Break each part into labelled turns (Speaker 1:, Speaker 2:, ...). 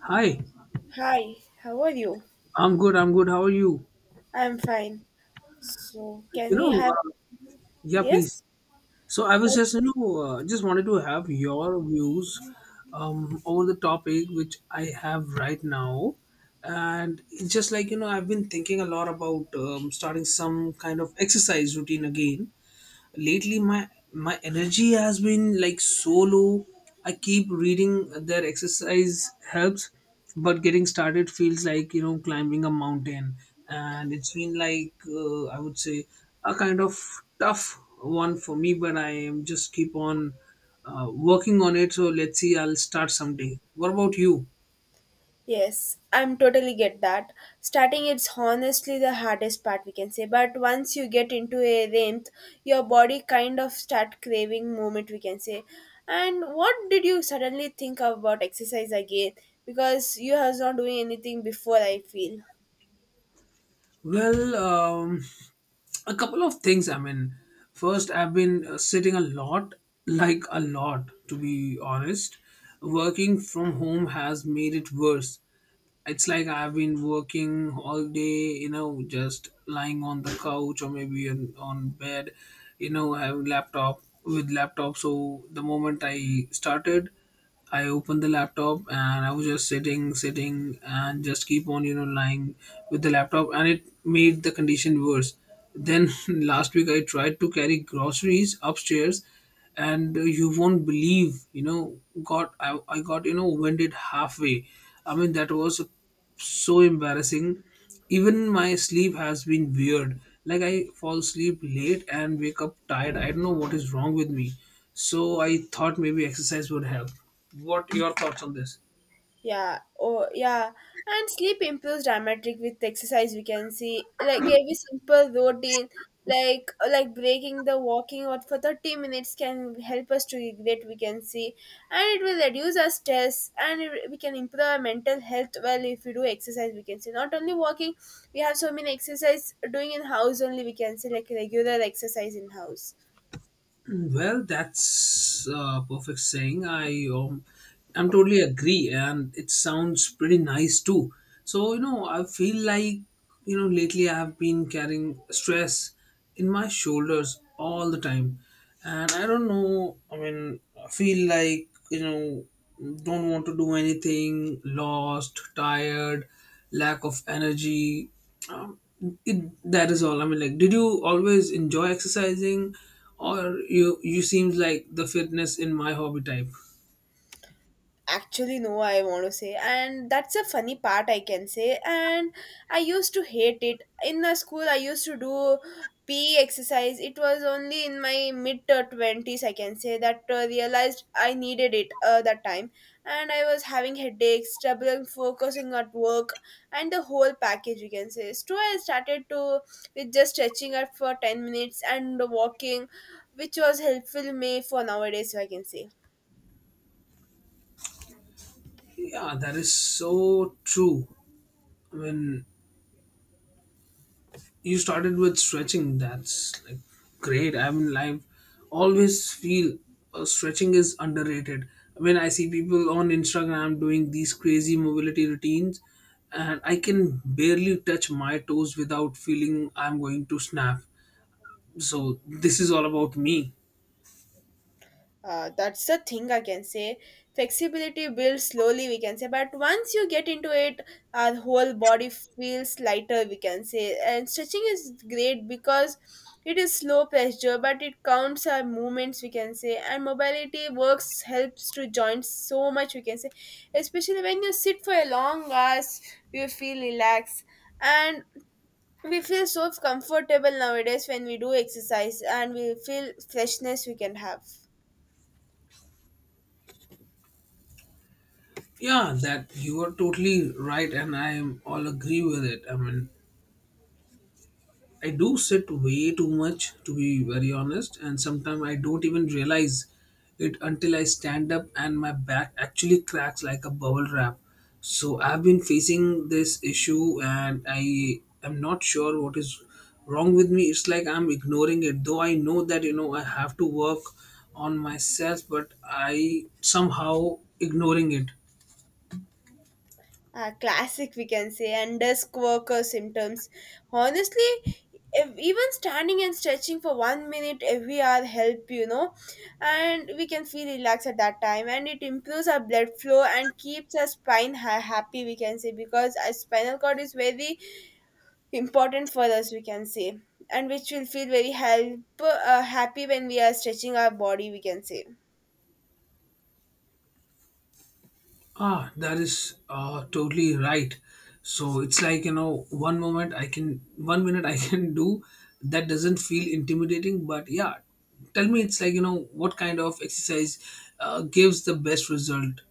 Speaker 1: Hi,
Speaker 2: Hi, how are you?
Speaker 1: I'm good. I'm good. How are you?
Speaker 2: I'm fine. So, can
Speaker 1: You know,
Speaker 2: we have
Speaker 1: uh, yeah, please.
Speaker 2: yes?
Speaker 1: So I was
Speaker 2: Oh,
Speaker 1: just wanted to have your views, over the topic which I have right now, and it's just like I've been thinking a lot about starting some kind of exercise routine again. Lately, my energy has been like so low. I keep reading that exercise helps, but getting started feels like climbing a mountain. And it's been like, I would say, a kind of tough one for me, but I am just keep on working on it. So let's see, I'll start someday. What about you?
Speaker 2: yes, I'm totally get that. Starting it's honestly the hardest part we can say, but once you get into a rhythm, your body kind of start craving movement we can say. And what did you suddenly think about exercise again? Because you has not doing anything before I feel.
Speaker 1: Well, a couple of things. I mean, first I've been sitting a lot, like a lot, to be honest. Working from home has made it worse. It's like I've been working all day, just lying on the couch, or maybe on bed, you know, having laptop with laptop. So the moment I started, I opened the laptop and I was just sitting, and just keep on, lying with the laptop, and it made the condition worse. Then last week I tried to carry groceries upstairs, and you won't believe, you know, got I got you know winded halfway. I mean, that was a so embarrassing. Even my sleep has been weird. Like, I fall asleep late and wake up tired. I don't know what is wrong with me. So I thought maybe exercise would help. What your thoughts on this?
Speaker 2: Yeah, oh yeah, and sleep improves dramatic with exercise. We can see like every simple routine, like breaking the walking out for 30 minutes can help us to regret. We can see, and it will reduce our stress, and we can improve our mental health. Well, if we do exercise, we can see not only walking. We have so many exercise doing in house only. We can see like regular exercise in house.
Speaker 1: Mm. Well, that's perfect saying. I'm totally agree, and it sounds pretty nice too. So, I feel like, you know, lately I have been carrying stress in my shoulders all the time, and I don't know. I mean, I feel like don't want to do anything, lost, tired, lack of energy. um, it, that is all. I mean, like, did you always enjoy exercising? Or you seems like the fitness in my hobby type.
Speaker 2: Actually, no, I want to say, and that's a funny part I can say. And I used to hate it in the school. I used to do PE exercise. It was only in my mid 20s I can say that realized I needed it that time, and I was having headaches, trouble focusing at work, and the whole package you can say. So I started to with just stretching out for 10 minutes and walking, which was helpful me for nowadays, so I can say.
Speaker 1: Yeah, that is so true. I mean, you started with stretching. That's like great. I mean, I always feel stretching is underrated. When I see people on Instagram doing these crazy mobility routines, and I can barely touch my toes without feeling I'm going to snap. So this is all about me.
Speaker 2: That's the thing I can say. Flexibility builds slowly we can say, but once you get into it, our whole body feels lighter we can say. And stretching is great because it is slow pressure but it counts our movements we can say. And mobility works helps to joints so much we can say, especially when you sit for a long hours you feel relaxed. And we feel so comfortable nowadays when we do exercise, and we feel freshness we can have.
Speaker 1: Yeah, that you are totally right, and I am all agree with it. I mean, I do sit way too much, to be very honest, and sometimes I don't even realize it until I stand up and my back actually cracks like a bubble wrap. So I've been facing this issue and I am not sure what is wrong with me. It's like I'm ignoring it, though I know that I have to work on myself, but I somehow ignoring it.
Speaker 2: Classic we can say, and desk worker symptoms honestly. If even standing and stretching for 1 minute every hour help you know, and we can feel relaxed at that time, and it improves our blood flow and keeps our spine happy we can say, because our spinal cord is very important for us we can say, and which will feel very help happy when we are stretching our body we can say.
Speaker 1: Ah, that is totally right. So it's like, 1 minute I can do that doesn't feel intimidating. But yeah, tell me, it's like, what kind of exercise gives the best result?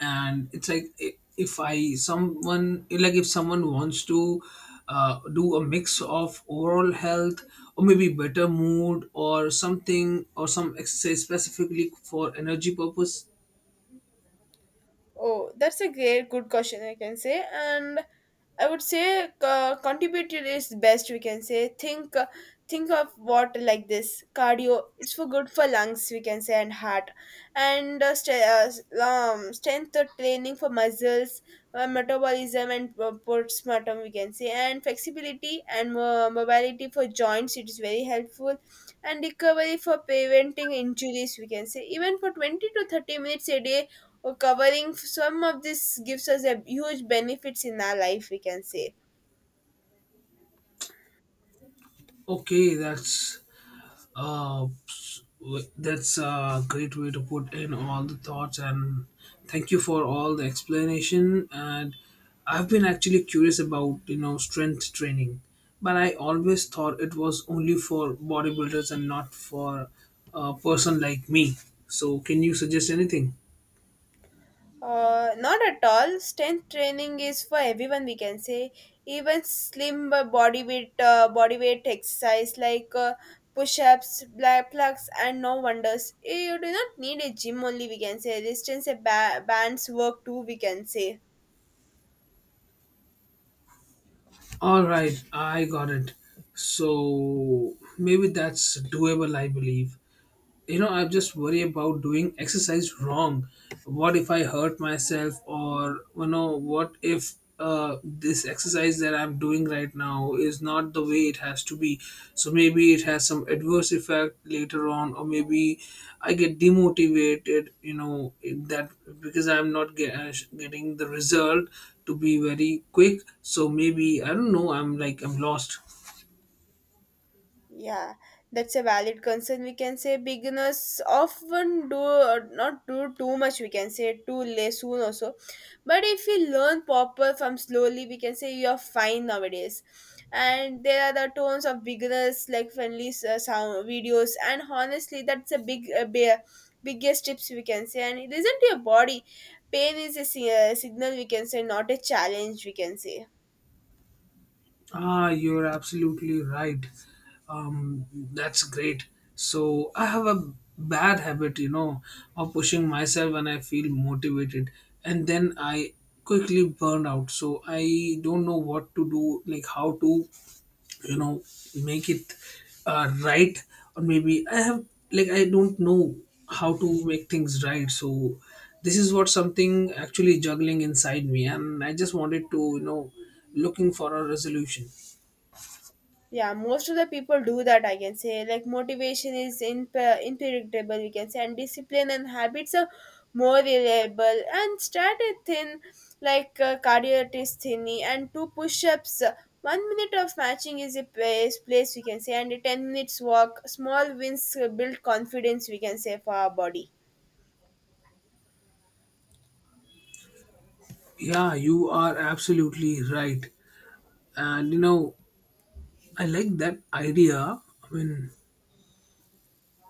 Speaker 1: And it's like, I- if I, someone, like if someone wants to do a mix of overall health, or maybe better mood, or something, or some exercise specifically for energy purpose.
Speaker 2: Oh, that's a great good question I can say. And I would say contributed is best we can say. Think of what like this cardio. It's for good for lungs we can say, and heart, and strength training for muscles, metabolism and postpartum we can say, and flexibility and mobility for joints. It is very helpful, and recovery for preventing injuries we can say. Even for 20 to 30 minutes a day or covering some of this gives us a huge benefits in our life we can say.
Speaker 1: Okay, Uh, that's a great way to put in all the thoughts, and thank you for all the explanation. And I've been actually curious about strength training, but I always thought it was only for bodybuilders and not for a person like me. So can you suggest anything?
Speaker 2: Not at all, strength training is for everyone we can say. Even slim body weight exercise like push-ups, black plugs and no wonders. You do not need a gym only we can say, resistance bands work too we can say.
Speaker 1: All right, I got it. So maybe that's doable, I believe. I just worry about doing exercise wrong. What if I hurt myself? Or what if this exercise that I'm doing right now is not the way it has to be? So maybe it has some adverse effect later on, or maybe I get demotivated in that, because I'm not getting the result to be very quick. So maybe I don't know, I'm like I'm lost.
Speaker 2: Yeah, that's a valid concern. We can say beginners often do not do too much. We can say too late soon also, but if you learn proper from slowly, we can say you are fine nowadays. And there are the tones of beginners like friendly sound videos, and honestly, that's a big bear biggest tips we can say. And it isn't your body, pain is a signal we can say, not a challenge we can say.
Speaker 1: Ah, you're absolutely right. Um, that's great. So I have a bad habit, of pushing myself when I feel motivated, and then I quickly burn out. So I don't know what to do, like how to, you know, make it right, or maybe I have, like, I don't know how to make things right. So this is what something actually juggling inside me, and I just wanted to, looking for a resolution.
Speaker 2: Yeah, most of the people do that, I can say. Like, motivation is in unpredictable, we can say, and discipline and habits are more reliable. And start a thin, like cardio test thingy, and two push ups. 1 minute of matching is a place, we can say, and a 10 minutes walk. Small wins build confidence, we can say, for our body.
Speaker 1: Yeah, you are absolutely right. And, I like that idea. I mean,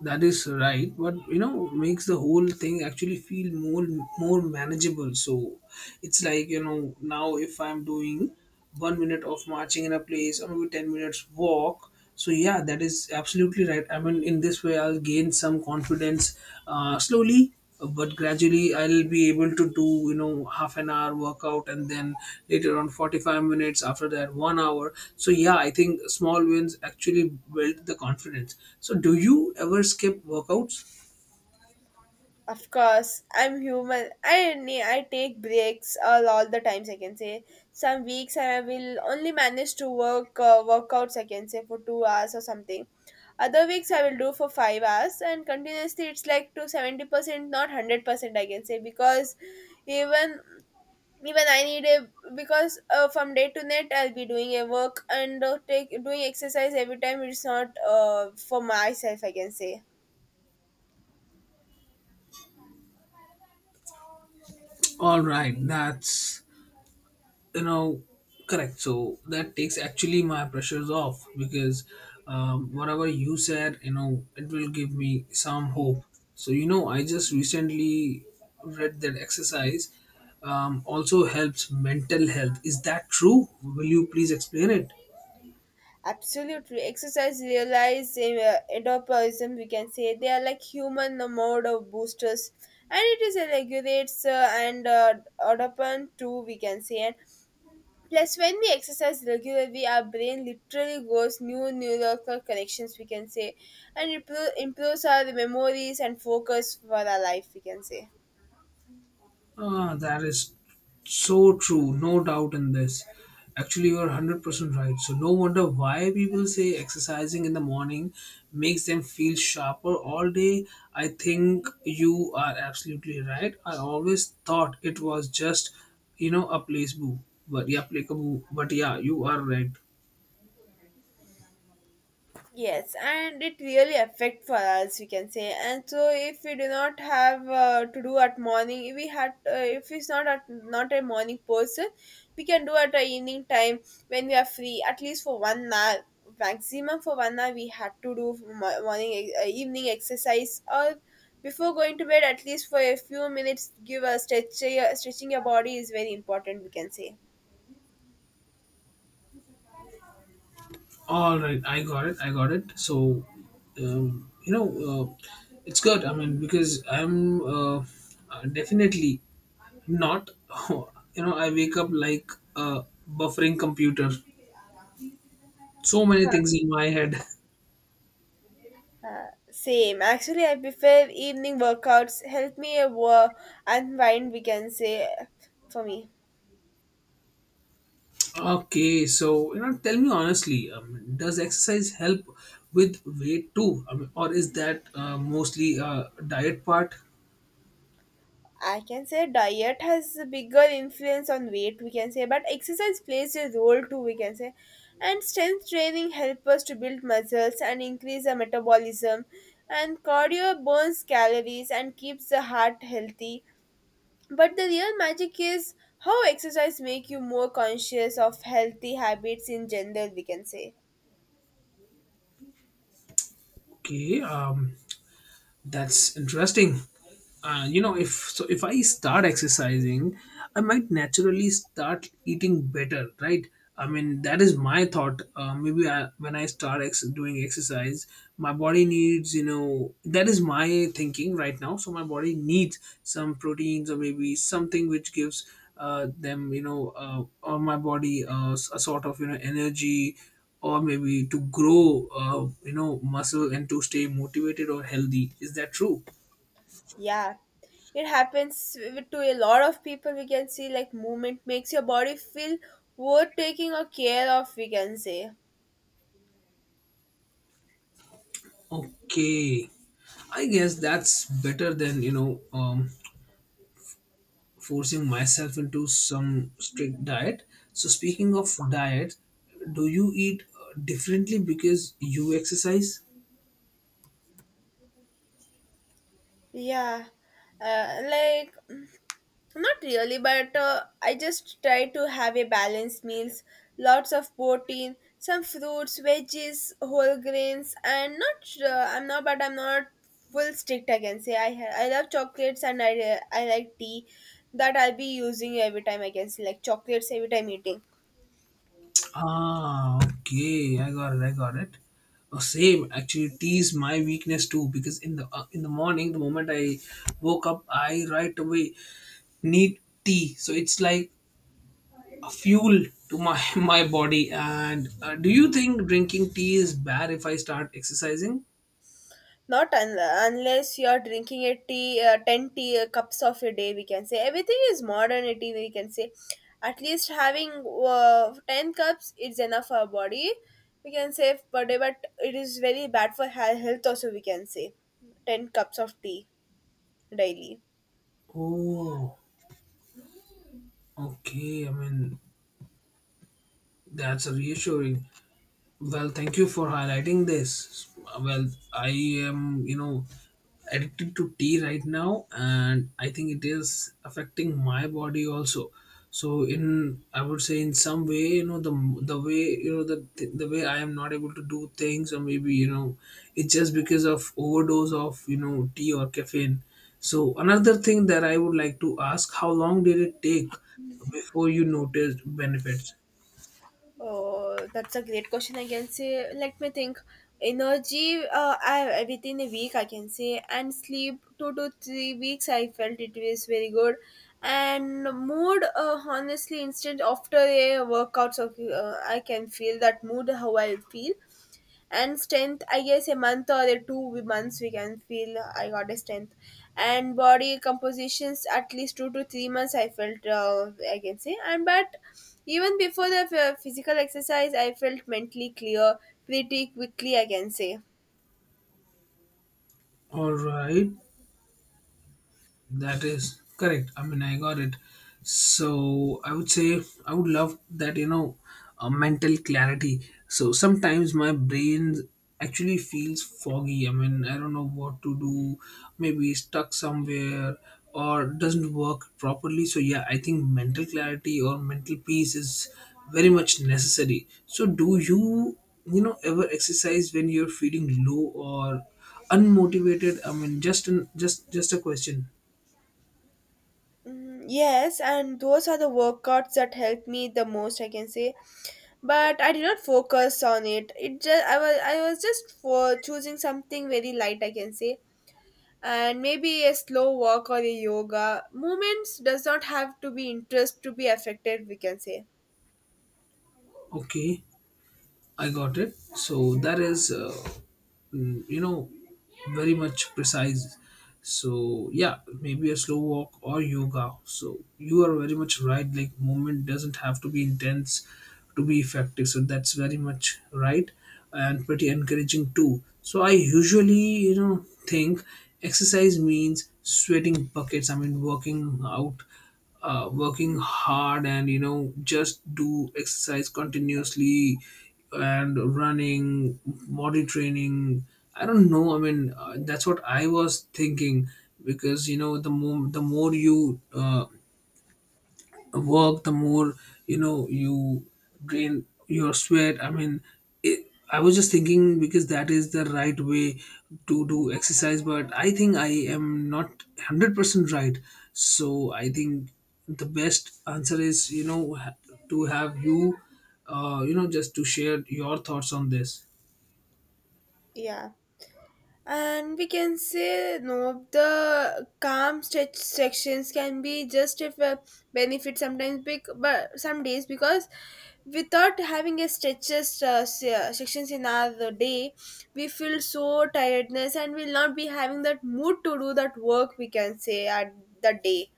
Speaker 1: that is right, but, makes the whole thing actually feel more manageable. So it's like, now if I'm doing 1 minute of marching in a place, or maybe 10 minutes walk. So yeah, that is absolutely right. I mean, in this way, I'll gain some confidence slowly but gradually. I'll be able to do half an hour workout, and then later on 45 minutes, after that 1 hour. So yeah, I think small wins actually build the confidence. So do you ever skip workouts?
Speaker 2: Of course, I'm human. I take breaks all the times. I can say some weeks I will only manage to work workouts. I can say for 2 hours or something. Other weeks I will do for 5 hours and continuously. It's like to 70%, not 100%. I can say because even even I need a because from day to night I'll be doing a work and take doing exercise every time. It's not for myself. I can say.
Speaker 1: All right, that's you know correct. So that takes actually my pressures off, because whatever you said it will give me some hope. So I just recently read that exercise also helps mental health. Is that true? Will you please explain it?
Speaker 2: Absolutely. Exercise relies in endorphinism, we can say. They are like human mode of boosters. And it is a regulates and dopamine too, we can say. And plus, when we exercise regularly, our brain literally goes new neural connections, we can say. And it improves our memories and focus for our life, we can say.
Speaker 1: Ah, that is so true. No doubt in this. Actually, you are 100% right. So no wonder why people say exercising in the morning makes them feel sharper all day. I think you are absolutely right. I always thought it was just, a placebo. But yeah, placebo. But yeah, you are right.
Speaker 2: Yes, and it really affect for us, we can say. And so, if we do not have to do at morning, if we had, if it's not at not a morning person, we can do at a evening time when we are free, at least for 1 hour, maximum for 1 hour. We had to do morning, evening exercise, or before going to bed, at least for a few minutes, give a stretch. Stretching your body is very important, we can say.
Speaker 1: All right, I got it. I got it. So, um, you know, uh, it's good. I mean, because I'm definitely not. I wake up like a buffering computer. So many things in my head.
Speaker 2: Same. Actually, I prefer evening workouts. Help me a unwind, we can say. For me,
Speaker 1: Okay, so, tell me honestly, does exercise help with weight too, I mean, or is that mostly a diet part?
Speaker 2: I can say diet has a bigger influence on weight, we can say, but exercise plays a role too, we can say. And strength training helps us to build muscles and increase our metabolism. And cardio burns calories and keeps the heart healthy. But the real magic is how exercise make you more conscious of healthy habits in general, we can say.
Speaker 1: Okay, that's interesting. If so, if I start exercising, I might naturally start eating better, right? I mean, that is my thought. Maybe when I start doing exercise, my body needs, that is my thinking right now. So my body needs some proteins, or maybe something which gives them, or my body, a sort of, energy, or maybe to grow muscle, and to stay motivated or healthy. Is that true?
Speaker 2: Yeah, it happens to a lot of people. We can see like movement makes your body feel worth taking or care of. We can say,
Speaker 1: Okay, I guess that's better than forcing myself into some strict diet. So speaking of diet, do you eat differently because you exercise?
Speaker 2: yeah, uh, like mm, not really, but I just try to have a balanced meals, lots of protein, some fruits, veggies, whole grains, and not. I'm not full strict. I can say I love chocolates, and I like tea that I'll be using every time. I can say like chocolates every time eating.
Speaker 1: Ah, okay, I got it, I got it. Oh, same. Actually, tease my weakness too, because in the morning the moment I woke up I right away need tea. So it's like a fuel to my my body. And do you think drinking tea is bad if I start exercising?
Speaker 2: Not unless you're drinking a tea, 10 tea cups of a day, we can say. Everything is modernity, we can say. At least having 10 cups is enough for our body, we can say, per day, but it is very bad for health also, we can say. 10 cups of tea daily.
Speaker 1: Oh, okay, I mean, that's reassuring. Well, thank you for highlighting this. Well, I am, addicted to tea right now, and I think it is affecting my body also. So, in I would say, in some way, the way, the way I am not able to do things, or maybe, it's just because of overdose of tea or caffeine. So another thing that I would like to ask: how long did it take before you noticed benefits?
Speaker 2: Oh, that's a great question. I can say, let me think. Energy, I within a week I can say, and sleep 2 to 3 weeks. I felt it was very good, and mood. Honestly, instant after a workouts, I can feel that mood how I feel, and strength I guess a month or the 2 months we can feel I got a strength, and body compositions at least 2 to 3 months I felt I can say. And but even before the physical exercise I felt mentally clear pretty quickly I can say.
Speaker 1: All right. That is correct. I mean, I got it. So I would say I would love that, mental clarity. So sometimes my brain actually feels foggy. I mean, I don't know what to do, maybe stuck somewhere or doesn't work properly. So yeah, I think mental clarity or mental peace is very much necessary. So do you, ever exercise when you're feeling low or unmotivated? I mean, just an, just a question.
Speaker 2: Mm, yes, and those are the workouts that helped me the most I can say, but I did not focus on it. It just, I was just for choosing something very light I can say, and maybe a slow walk or a yoga movements does not have to be interest to be affected we can say.
Speaker 1: Okay, I got it. So that is, mm, you know, very much precise. So yeah, maybe a slow walk or yoga. So you are very much right. Like, movement doesn't have to be intense to be effective. So that's very much right, and pretty encouraging too. So I usually, think exercise means sweating buckets. I mean, working out working hard and you know just do exercise continuously and running body training. I don't know. I mean, that's what I was thinking because you know the more you work, the more you know you drain your sweat. I mean, I was just thinking because that is the right way to do exercise, but I think I am not 100% right. So I think the best answer is you know to have you you know just to share your thoughts on this.
Speaker 2: Yeah, and we can say no, the calm stretch sections can be just if a benefit sometimes big, but some days, because without having a stretches sections in our day, we feel so tiredness and will not be having that mood to do that work we can say at the day.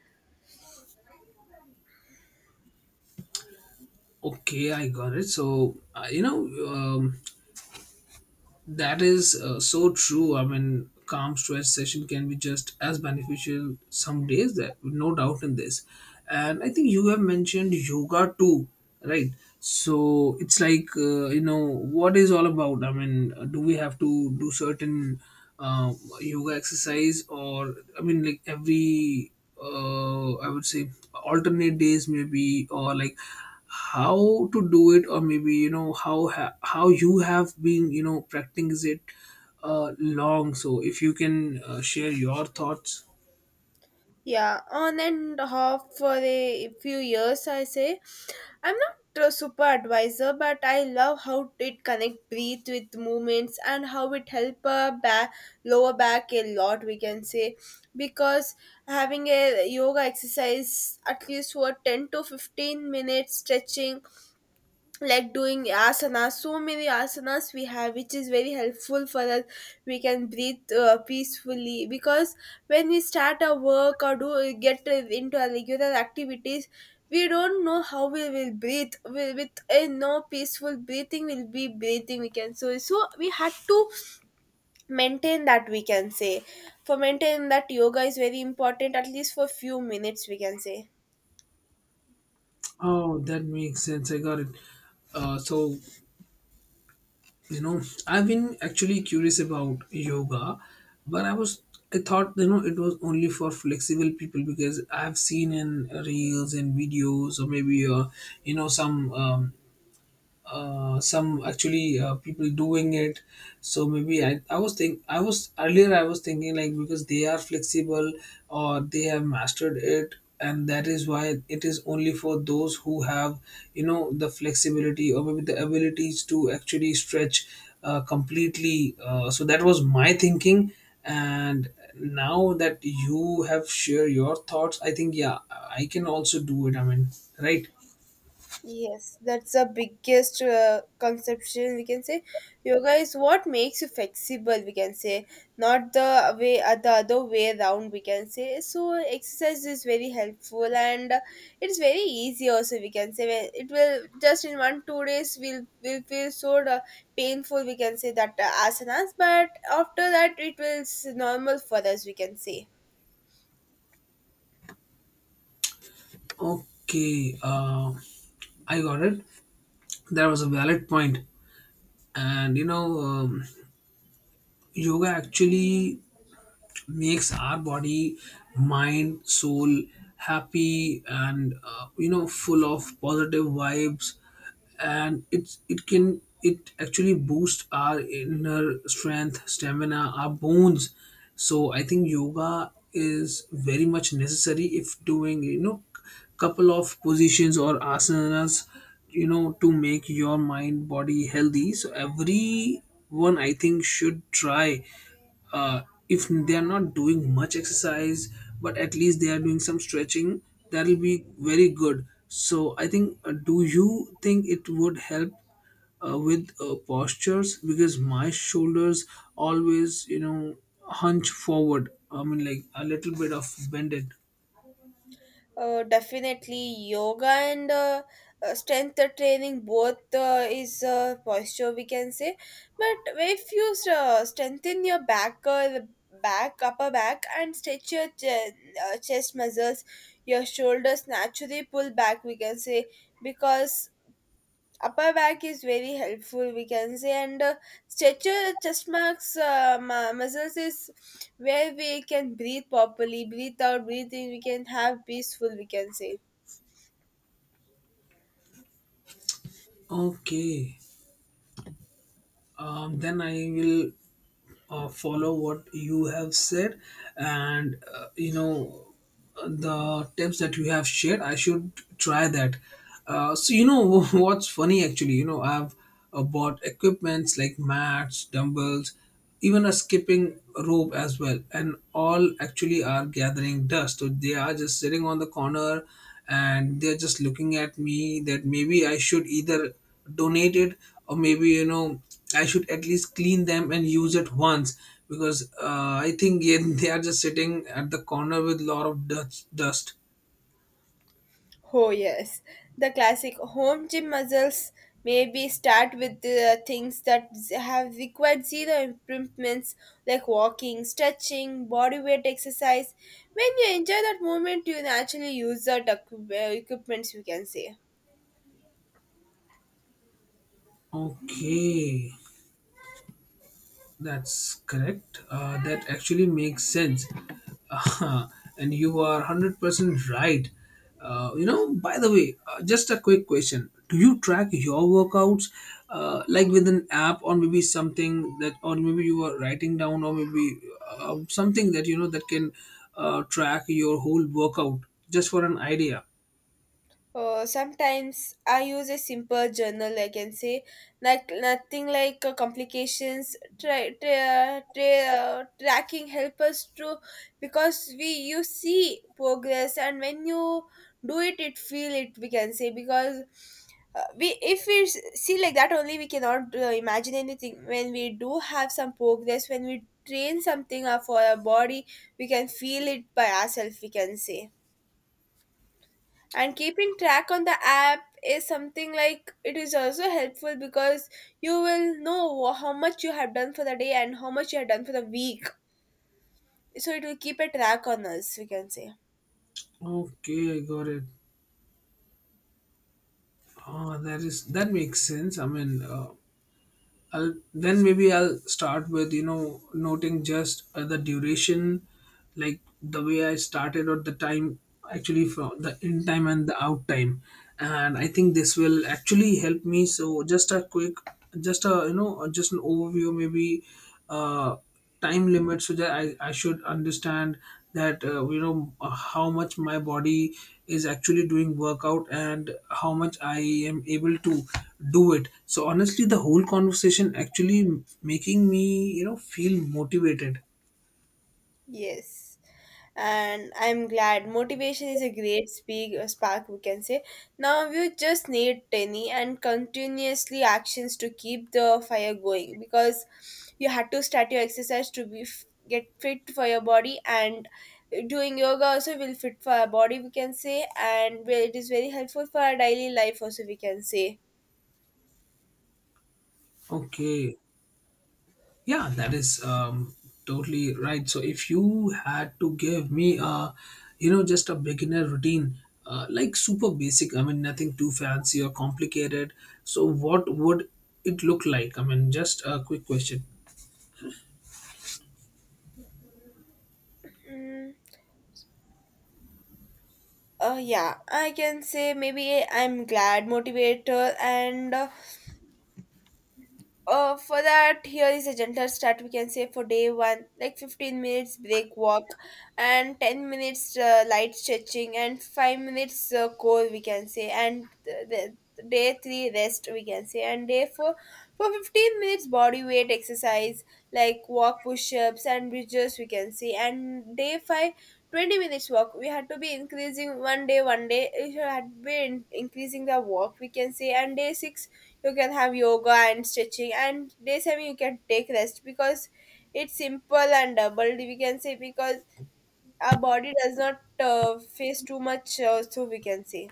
Speaker 1: Okay, I got it. So you know, um, that is so true. I mean, calm stress session can be just as beneficial some days. That no doubt in this, and I think you have mentioned yoga too, right? So it's like you know what is all about. I mean, do we have to do certain uh, yoga exercise, or I mean, like every I would say alternate days maybe, or like how to do it, or maybe you know how how you have been you know practicing it long. So if you can share your thoughts.
Speaker 2: Yeah, on and off for a few years, I say. I'm not a super advisor, but I love how it connect breathe with movements, and how it help a back, lower back a lot, we can say. Because having a yoga exercise, at least for 10 to 15 minutes stretching, like doing asanas, so many asanas we have, which is very helpful for us. We can breathe peacefully, because when we start our work or do get into our regular activities, we don't know how we will breathe with a no peaceful breathing we'll be breathing we can, so we had to maintain that we can say. For maintain that, yoga is very important at least for few minutes we can say.
Speaker 1: Oh, that makes sense. I got it. So you know, I've been actually curious about yoga, but I was, I thought you know it was only for flexible people because I've seen in reels and videos, or maybe you know some actually people doing it. So maybe I was think I was earlier, I was thinking like because they are flexible or they have mastered it, and that is why it is only for those who have you know the flexibility or maybe the abilities to actually stretch completely. So that was my thinking, and now that you have shared your thoughts, I think yeah, I can also do it. I mean, right.
Speaker 2: Yes, that's the biggest conception we can say. Yoga is what makes you flexible, we can say, not the way the other way around, we can say. So exercise is very helpful and it's very easy also, we can say. It will just in 1 2 days will feel so painful, we can say, that asanas, but after that it will normal for us, we can say.
Speaker 1: Okay. I got it. That was a valid point. And you know, yoga actually makes our body, mind, soul happy and you know full of positive vibes. And it's it can it actually boosts our inner strength, stamina, our bones. So I think yoga is very much necessary if doing you know couple of positions or asanas, you know, to make your mind body healthy. So everyone I think should try uh, if they are not doing much exercise, but at least they are doing some stretching, that will be very good. So I think do you think it would help with postures, because my shoulders always you know hunch forward. I mean, like a little bit of bended.
Speaker 2: Definitely yoga and strength training both is posture, we can say, but if you strengthen your back, the back, upper back, and stretch your chest muscles, your shoulders naturally pull back, we can say, because upper back is very helpful, we can say, and stretcher chest marks muscles is where we can breathe properly, breathe out, breathe in, we can have peaceful, we can say.
Speaker 1: Okay. Then I will follow what you have said, and you know the tips that you have shared. I should try that. So you know, what's funny actually. You know, I've bought equipments like mats, dumbbells, even a skipping rope as well, and all actually are gathering dust. So they are just sitting on the corner, and they're just looking at me. That maybe I should either donate it, or maybe you know I should at least clean them and use it once, because I think yeah, they are just sitting at the corner with a lot of dust.
Speaker 2: Oh yes, the classic home gym muscles. Maybe start with the things that have required zero improvements, like walking, stretching, body weight exercise. When you enjoy that movement, you naturally use that equipments, we can say.
Speaker 1: Okay. That's correct. That actually makes sense. Uh, and you are 100% right. You know, by the way, just a quick question. Do you track your workouts like with an app or maybe something that, or maybe you are writing down, or maybe something that you know that can track your whole workout, just for an idea?
Speaker 2: Sometimes I use a simple journal, I can say, like nothing like complications. Try tracking help us to, because we, you see progress, and when you do it, it feel it. We can say, because we, if we see like that only, we cannot imagine anything. When we do have some progress, when we train something for our body, we can feel it by ourselves. We can say, and keeping track on the app is something like it is also helpful, because you will know how much you have done for the day and how much you have done for the week, so it will keep a track on us, we can say.
Speaker 1: Okay, I got it. Oh, that is, that makes sense. I mean, I'll then maybe I'll start with you know noting just the duration, like the way I started, or the time actually from the in time and the out time, and I think this will actually help me. So just a quick, just a you know just an overview maybe, uh, time limit so that I should understand that you know how much my body is actually doing workout and how much I am able to do it. So honestly, the whole conversation actually making me you know feel motivated.
Speaker 2: Yes. And I'm glad motivation is a great spark, we can say. Now you just need tiny and continuously actions to keep the fire going, because you had to start your exercise to get fit for your body, and doing yoga also will fit for our body, we can say, and well, it is very helpful for our daily life also, we can say.
Speaker 1: Okay, yeah, that is totally right. So if you had to give me a, you know, just a beginner routine, like super basic. I mean, nothing too fancy or complicated. So what would it look like? I mean, just a quick question.
Speaker 2: Mm, yeah, I can say, maybe I'm glad motivator and. For that, here is a gentle start. We can say, for day one, like 15 minutes break walk, and 10 minutes light stretching, and 5 minutes core, we can say, and day three rest, we can say, and day four for 15 minutes body weight exercise, like walk, push ups, and bridges, we can say, and day five 20 minutes walk. We had to be increasing one day, one day, if you had been increasing the walk, we can say, and day six you can have yoga and stretching, and day seven you can take rest, because it's simple and doubled, we can say, because our body does not face too much so, we can say.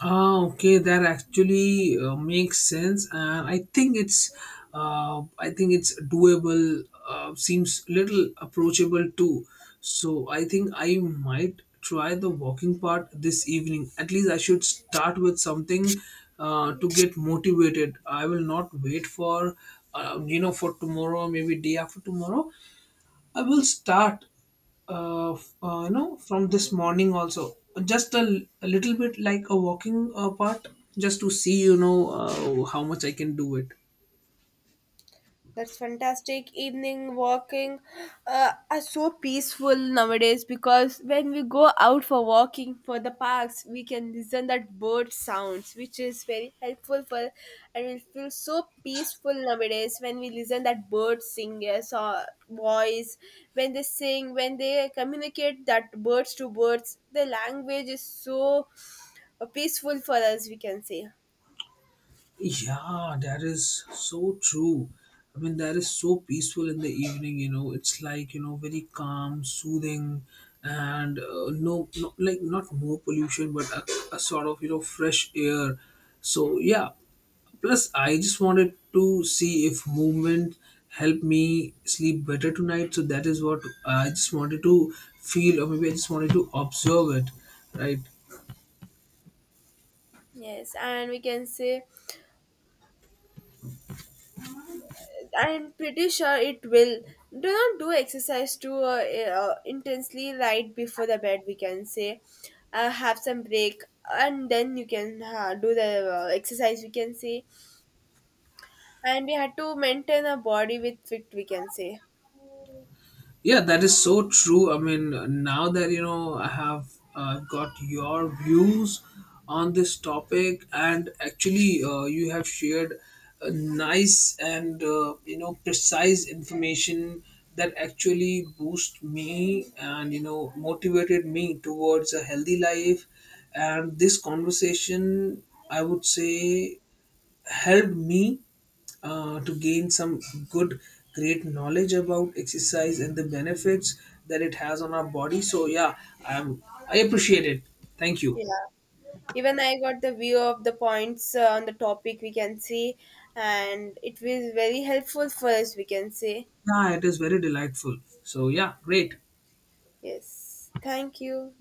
Speaker 1: Ah, okay, that actually makes sense, and I think it's doable. Seems little approachable too. So I think I might try the walking part this evening. At least I should start with something to get motivated. I will not wait for, you know, for tomorrow, maybe day after tomorrow. I will start, you know, from this morning also. Just a, a little bit like a walking part, just to see, you know, how much I can do it.
Speaker 2: That's fantastic. Evening walking are so peaceful nowadays, because when we go out for walking for the parks, we can listen that bird sounds, which is very helpful for, and we feel so peaceful nowadays when we listen that bird singers or voice, when they sing, when they communicate that birds to birds, the language is so peaceful for us. We can say
Speaker 1: Yeah, that is so true. I mean, that is so peaceful in the evening. You know, it's like you know, very calm, soothing, and no, no, like not more pollution, but a sort of you know fresh air. So yeah. Plus, I just wanted to see if movement helped me sleep better tonight. So that is what I just wanted to feel, or maybe I just wanted to observe it, right?
Speaker 2: yes, and we can say I'm pretty sure it will. Do not do exercise too intensely right before the bed. We can say, have some break, and then you can do the exercise. We can say, and we had to maintain a body with fit. We can say,
Speaker 1: Yeah, that is so true. I mean, now that you know, I have got your views on this topic, and actually, you have shared a nice and you know precise information that actually boost me and you know motivated me towards a healthy life. And this conversation, I would say, helped me to gain some good great knowledge about exercise and the benefits that it has on our body. So yeah, I am, I appreciate it. Thank you.
Speaker 2: yeah. Even I got the view of the points on the topic. We can see, and it was very helpful for us. We can say,
Speaker 1: Yeah, it is very delightful. So yeah, great.
Speaker 2: yes. Thank you.